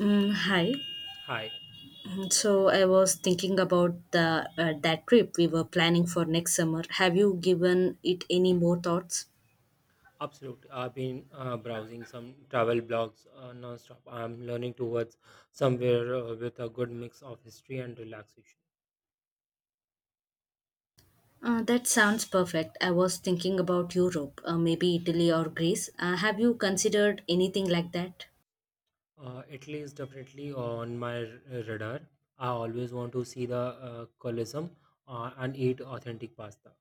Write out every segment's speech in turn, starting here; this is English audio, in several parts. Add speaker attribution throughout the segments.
Speaker 1: Mm, hi.
Speaker 2: Hi,
Speaker 1: So I was thinking about the that trip we were planning for next summer. Have you given it any more thoughts?
Speaker 2: absolutely. I've been browsing some travel blogs nonstop. I'm learning towards somewhere with a good mix of history and relaxation.
Speaker 1: That sounds perfect. I was thinking about Europe, maybe Italy or Greece. Have you considered anything like that?
Speaker 2: Italy is definitely on my radar. I always want to see the Colosseum and eat authentic pasta.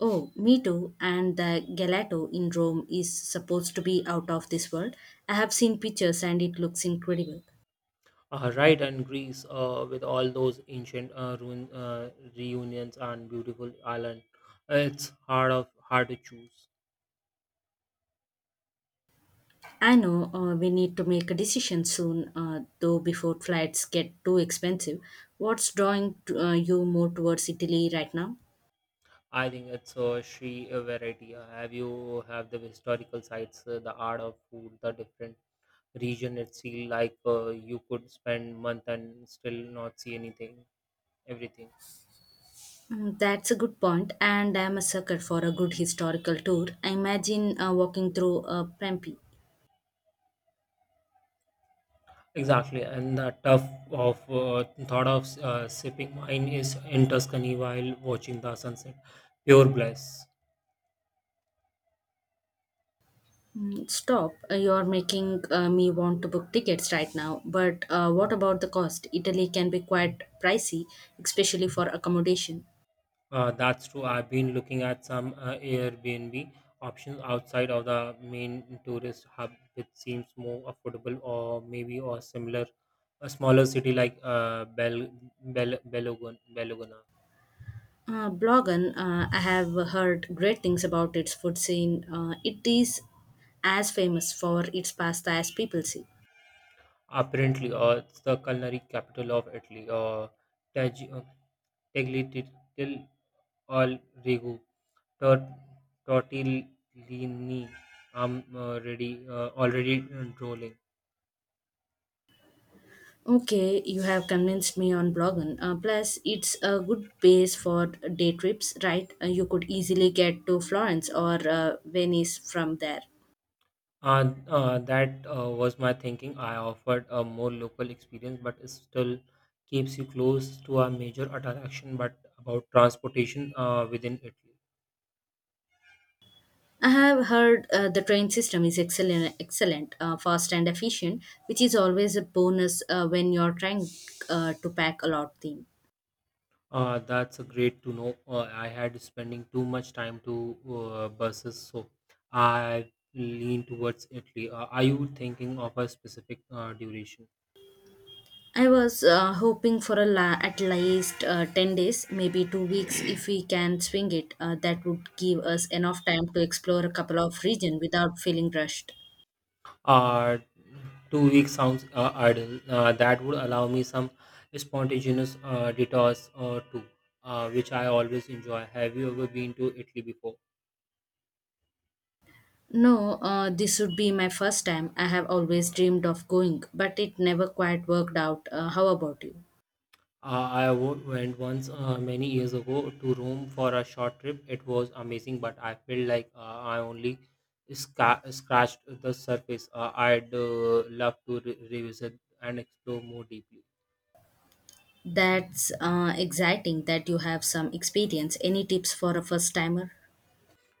Speaker 1: Oh, me too. And the gelato in Rome is supposed to be out of this world. I have seen pictures and it looks incredible.
Speaker 2: Right, and Greece with all those ancient ruin reunions and beautiful island. It's hard of hard to choose.
Speaker 1: I know we need to make a decision soon, though, before flights get too expensive. What's drawing you more towards Italy right now?
Speaker 2: I think it's a sheer variety. Have you have the historical sites, the art of food, the different region. It feel like you could spend month and still not see anything, everything.
Speaker 1: That's a good point, and I'm a sucker for a good historical tour. I imagine walking through Pompeii.
Speaker 2: Exactly, and the tough of thought of sipping wine is in Tuscany while watching the sunset. Pure bliss.
Speaker 1: Stop. You're making me want to book tickets right now, but what about the cost? Italy can be quite pricey, especially for accommodation.
Speaker 2: That's true. I've been looking at some Airbnb options outside of the main tourist hub, which seems more affordable, or maybe or similar, a smaller city like Belogona.
Speaker 1: Blogan, I have heard great things about its food scene. It is as famous for its pasta as people see.
Speaker 2: Apparently, it's the culinary capital of Italy. Tag- uh, Tagliatelle al rigu Tor- Tortellini. I'm already drooling.
Speaker 1: Okay, you have convinced me on Blogan. Plus, it's a good base for day trips, right? You could easily get to Florence or Venice from there.
Speaker 2: That was my thinking. I offered a more local experience, but it still keeps you close to a major attraction. But about transportation within Italy,
Speaker 1: I have heard the train system is excellent, fast and efficient, which is always a bonus when you're trying to pack a lot. Thing.
Speaker 2: that's a great to know. I had spending too much time to buses, so I lean towards Italy. Are you thinking of a specific duration?
Speaker 1: I was hoping for at least 10 days, maybe 2 weeks if we can swing it. That would give us enough time to explore a couple of regions without feeling rushed.
Speaker 2: Uh, 2 weeks sounds idle. That would allow me some spontaneous detours or two, which I always enjoy. Have you ever been to Italy before?
Speaker 1: No, this would be my first time. I have always dreamed of going, but it never quite worked out. How about you?
Speaker 2: I went once many years ago to Rome for a short trip. It was amazing, but I felt like I only scratched the surface. I'd love to revisit and explore more deeply.
Speaker 1: That's exciting that you have some experience. Any tips for a first timer?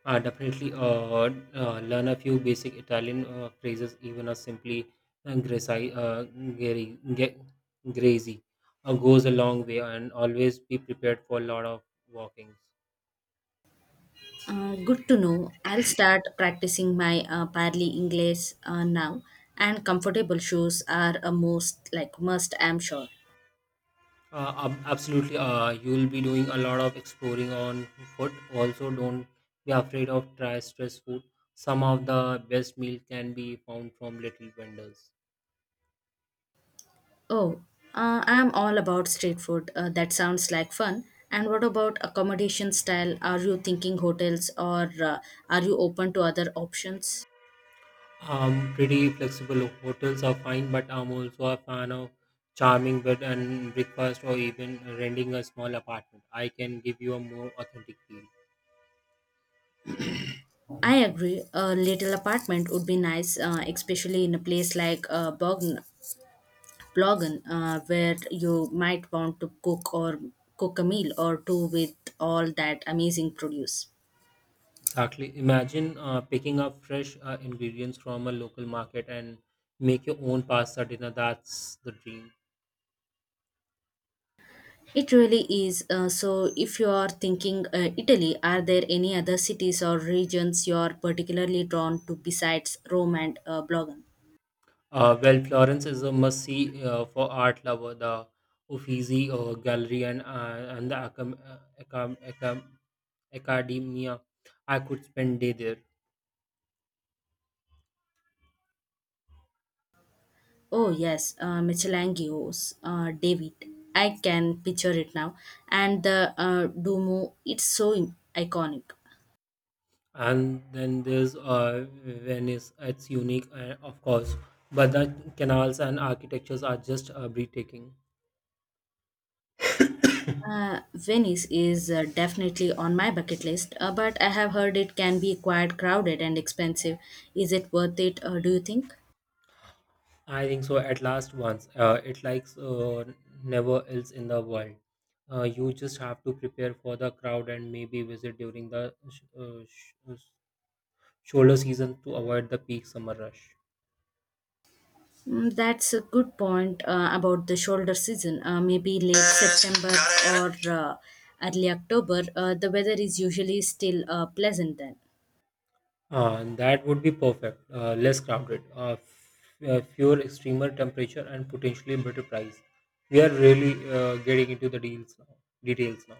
Speaker 2: Definitely, learn a few basic Italian phrases, even a simply uh, grazi, uh, gari- ge- grazy goes a long way, and always be prepared for a lot of walkings.
Speaker 1: Good to know. I'll start practicing my parli English now, and comfortable shoes are a most like must. I'm sure.
Speaker 2: Absolutely, you will be doing a lot of exploring on foot. Also, don't be afraid of try stress food. Some of the best meal can be found from little vendors.
Speaker 1: Oh, I'm all about street food. That sounds like fun. And what about accommodation style? Are you thinking hotels or are you open to other options?
Speaker 2: I'm pretty flexible. Hotels are fine, but I'm also a fan of charming bed and breakfast or even renting a small apartment. I can give you a more authentic feel.
Speaker 1: I agree. A little apartment would be nice, especially in a place like Bogn blogging where you might want to cook a meal or two with all that amazing produce.
Speaker 2: Exactly. Imagine picking up fresh ingredients from a local market and make your own pasta dinner. That's the dream.
Speaker 1: It really is. So, if you are thinking Italy, are there any other cities or regions you are particularly drawn to besides Rome and Blogan?
Speaker 2: Well, Florence is a must-see for art lover. The Uffizi Gallery and the Academia. I could spend day there.
Speaker 1: Oh, yes, Michelangio's David. I can picture it now. And the Duomo, it's so iconic.
Speaker 2: And then there's Venice. It's unique, of course, but the canals and architectures are just breathtaking.
Speaker 1: Venice is definitely on my bucket list, but I have heard it can be quite crowded and expensive. Is it worth it, do you think?
Speaker 2: I think so. At last, once it likes never else in the world. You just have to prepare for the crowd and maybe visit during the shoulder season to avoid the peak summer rush.
Speaker 1: That's a good point about the shoulder season. Maybe late September or early October, the weather is usually still pleasant then.
Speaker 2: That would be perfect. Less crowded, fewer extremer temperature, and potentially better price. We are really getting into the deals now. Details now.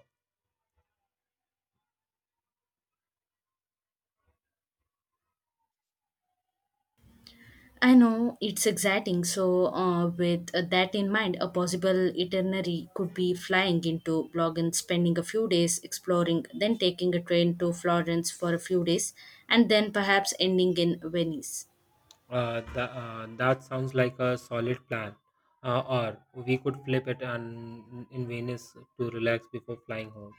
Speaker 1: I know it's exciting. So, with that in mind, a possible itinerary could be flying into Blogen, spending a few days exploring, then taking a train to Florence for a few days, and then perhaps ending in Venice.
Speaker 2: That sounds like a solid plan. Uh, or we could flip it and in Venice to relax before flying home.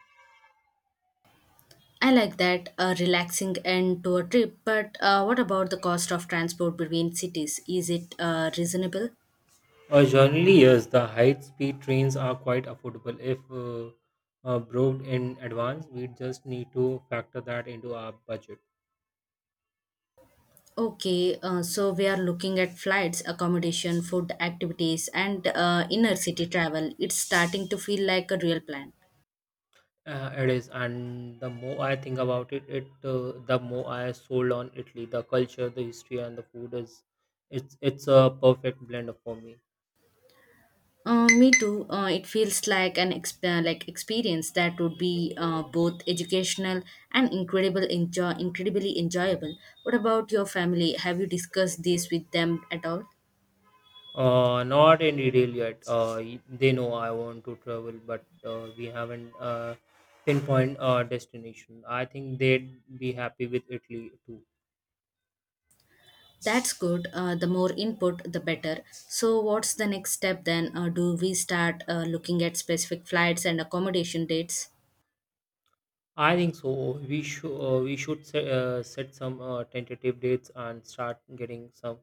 Speaker 1: I like that a relaxing end to a trip, but what about the cost of transport between cities? Is it reasonable?
Speaker 2: Generally, yes, the high-speed trains are quite affordable if booked in advance. We just need to factor that into our budget.
Speaker 1: Okay, so we are looking at flights, accommodation, food, activities, and inner city travel. It's starting to feel like a real plan.
Speaker 2: It is, and the more I think about it, the more I sold on Italy. The culture, the history, and the food is it's a perfect blend for me.
Speaker 1: Me too. It feels like experience that would be both educational and incredible enjoy incredibly enjoyable. What about your family? Have you discussed this with them at all?
Speaker 2: Not any deal yet. They know I want to travel, but we haven't pinpoint destination. I think they'd be happy with Italy too.
Speaker 1: That's good. The more input, the better. So, what's the next step then? Do we start looking at specific flights and accommodation dates?
Speaker 2: I think so. We should set, set some tentative dates and start getting some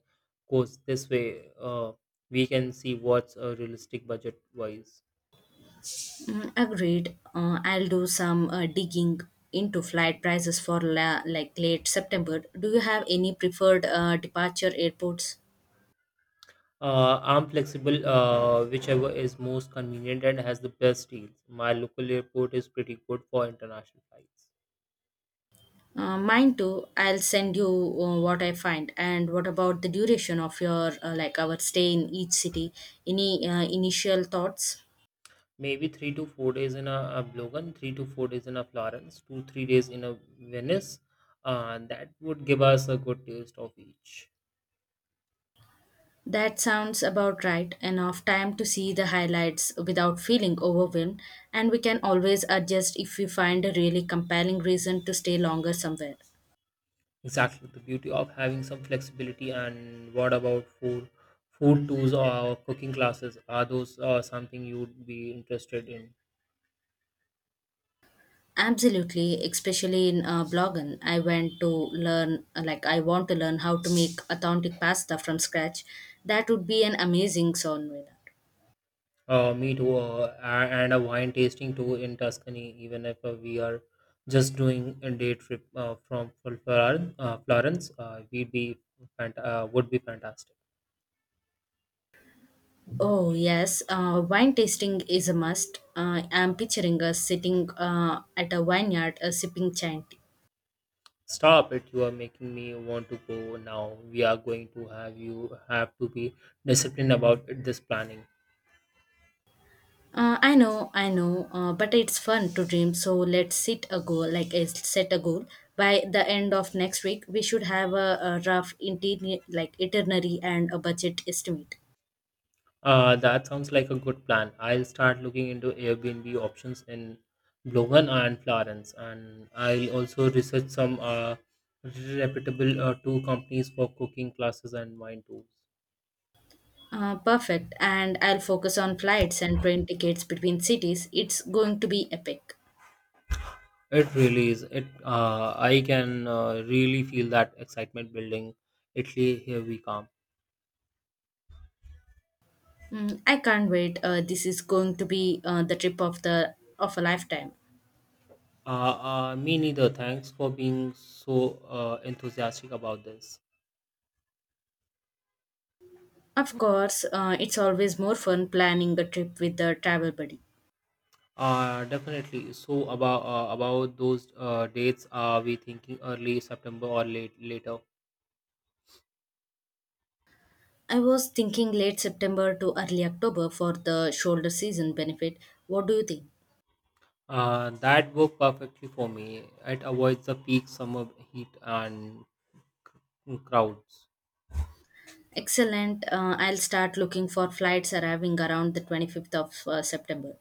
Speaker 2: quotes. This way, we can see what's realistic budget wise.
Speaker 1: Agreed. I'll do some digging into flight prices for like late September. Do you have any preferred departure airports?
Speaker 2: I'm flexible, whichever is most convenient and has the best deals. My local airport is pretty good for international flights.
Speaker 1: Mine too. I'll send you what I find. And what about the duration of your like our stay in each city? Any initial thoughts?
Speaker 2: Maybe 3 to 4 days in a Logan, 3 to 4 days in a Florence, 2 3 days in a Venice. That would give us a good taste of each.
Speaker 1: That sounds about right. Enough time to see the highlights without feeling overwhelmed, and we can always adjust if we find a really compelling reason to stay longer somewhere.
Speaker 2: Exactly, the beauty of having some flexibility. And what about food? Food tours or cooking classes? Are those something you'd be interested in?
Speaker 1: Absolutely, especially in Blogen, I want to learn how to make authentic pasta from scratch. That would be an amazing sourdough.
Speaker 2: Me too. And a wine tasting tour in Tuscany, even if we are just doing a day trip from Florence, would be fantastic.
Speaker 1: Oh yes, wine tasting is a must. I'm picturing us sitting at a vineyard, sipping chant.
Speaker 2: Stop it! You are making me want to go now. We are going to have to be disciplined about this planning.
Speaker 1: I know, but it's fun to dream. So let's set a goal, set a goal. By the end of next week, we should have a rough interior, like itinerary and a budget estimate.
Speaker 2: That sounds like a good plan. I'll start looking into Airbnb options in Blogen and Florence, and I'll also research some reputable tour companies for cooking classes and wine tours.
Speaker 1: Perfect. And I'll focus on flights and train tickets between cities. It's going to be epic.
Speaker 2: It really is. It I can really feel that excitement building. Italy, here we come.
Speaker 1: I can't wait. This is going to be the trip of the of a lifetime.
Speaker 2: Me neither. Thanks for being so enthusiastic about this.
Speaker 1: Of course, it's always more fun planning a trip with a travel buddy.
Speaker 2: Definitely. So about those dates, are we thinking early September or late later?
Speaker 1: I was thinking late September to early October for the shoulder season benefit. What do you think?
Speaker 2: That worked perfectly for me. It avoids the peak summer heat and crowds.
Speaker 1: Excellent. I'll start looking for flights arriving around the 25th of September.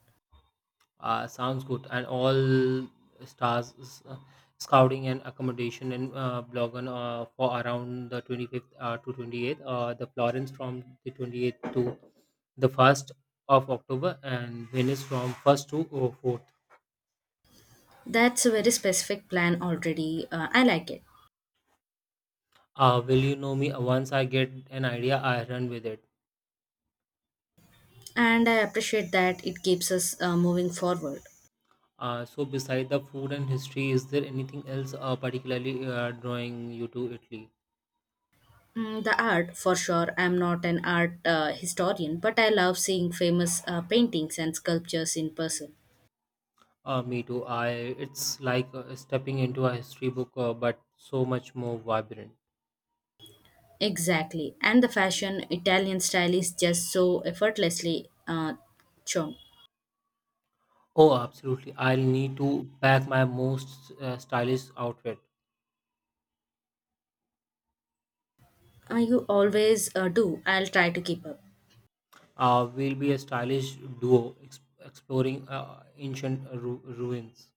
Speaker 2: Sounds good. And all stars s- uh, scouting and accommodation and Blogan for around the 25th to 28th. The Florence from the 28th to the 1st of October and Venice from 1st to 4th.
Speaker 1: That's a very specific plan already. I like it.
Speaker 2: Will you know me? Once I get an idea, I run with it.
Speaker 1: And I appreciate that it keeps us moving forward.
Speaker 2: So, beside the food and history, is there anything else particularly drawing you to Italy?
Speaker 1: The art for sure. I'm not an art historian, but I love seeing famous paintings and sculptures in person.
Speaker 2: Me too. I it's like stepping into a history book, but so much more vibrant.
Speaker 1: Exactly, and the fashion, Italian style is just so effortlessly uh, shown.
Speaker 2: Oh, absolutely! I'll need to pack my most stylish outfit.
Speaker 1: You always do. I'll try to keep up.
Speaker 2: We'll be a stylish duo exploring ancient ruins.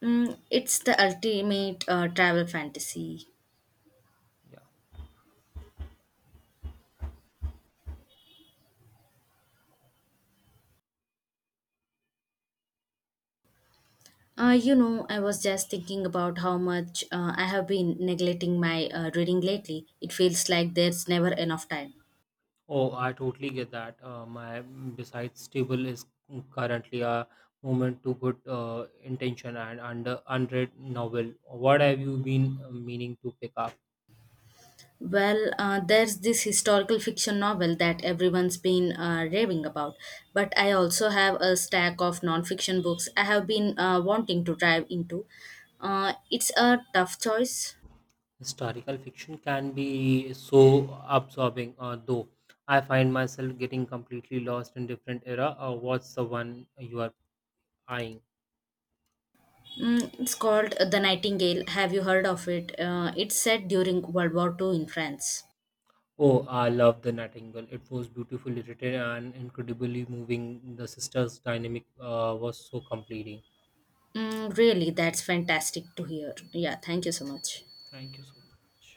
Speaker 1: It's the ultimate travel fantasy.
Speaker 2: Yeah.
Speaker 1: I was just thinking about how much I have been neglecting my reading lately. It feels like there's never enough time.
Speaker 2: Oh, I totally get that. My besides stable is currently a moment to good intention and under unread novel. What have you been meaning to pick up?
Speaker 1: Well, there's this historical fiction novel that everyone's been raving about, but I also have a stack of non-fiction books I have been wanting to dive into. It's a tough choice.
Speaker 2: Historical fiction can be so absorbing, though. I find myself getting completely lost in different era. What's the one you are eyeing?
Speaker 1: It's called The Nightingale. Have you heard of it? It's set during World War II in France.
Speaker 2: Oh, I love The Nightingale. It was beautifully written and incredibly moving. The sisters' dynamic was so completing.
Speaker 1: Really, that's fantastic to hear. Yeah, thank you so much.
Speaker 2: Thank you so much.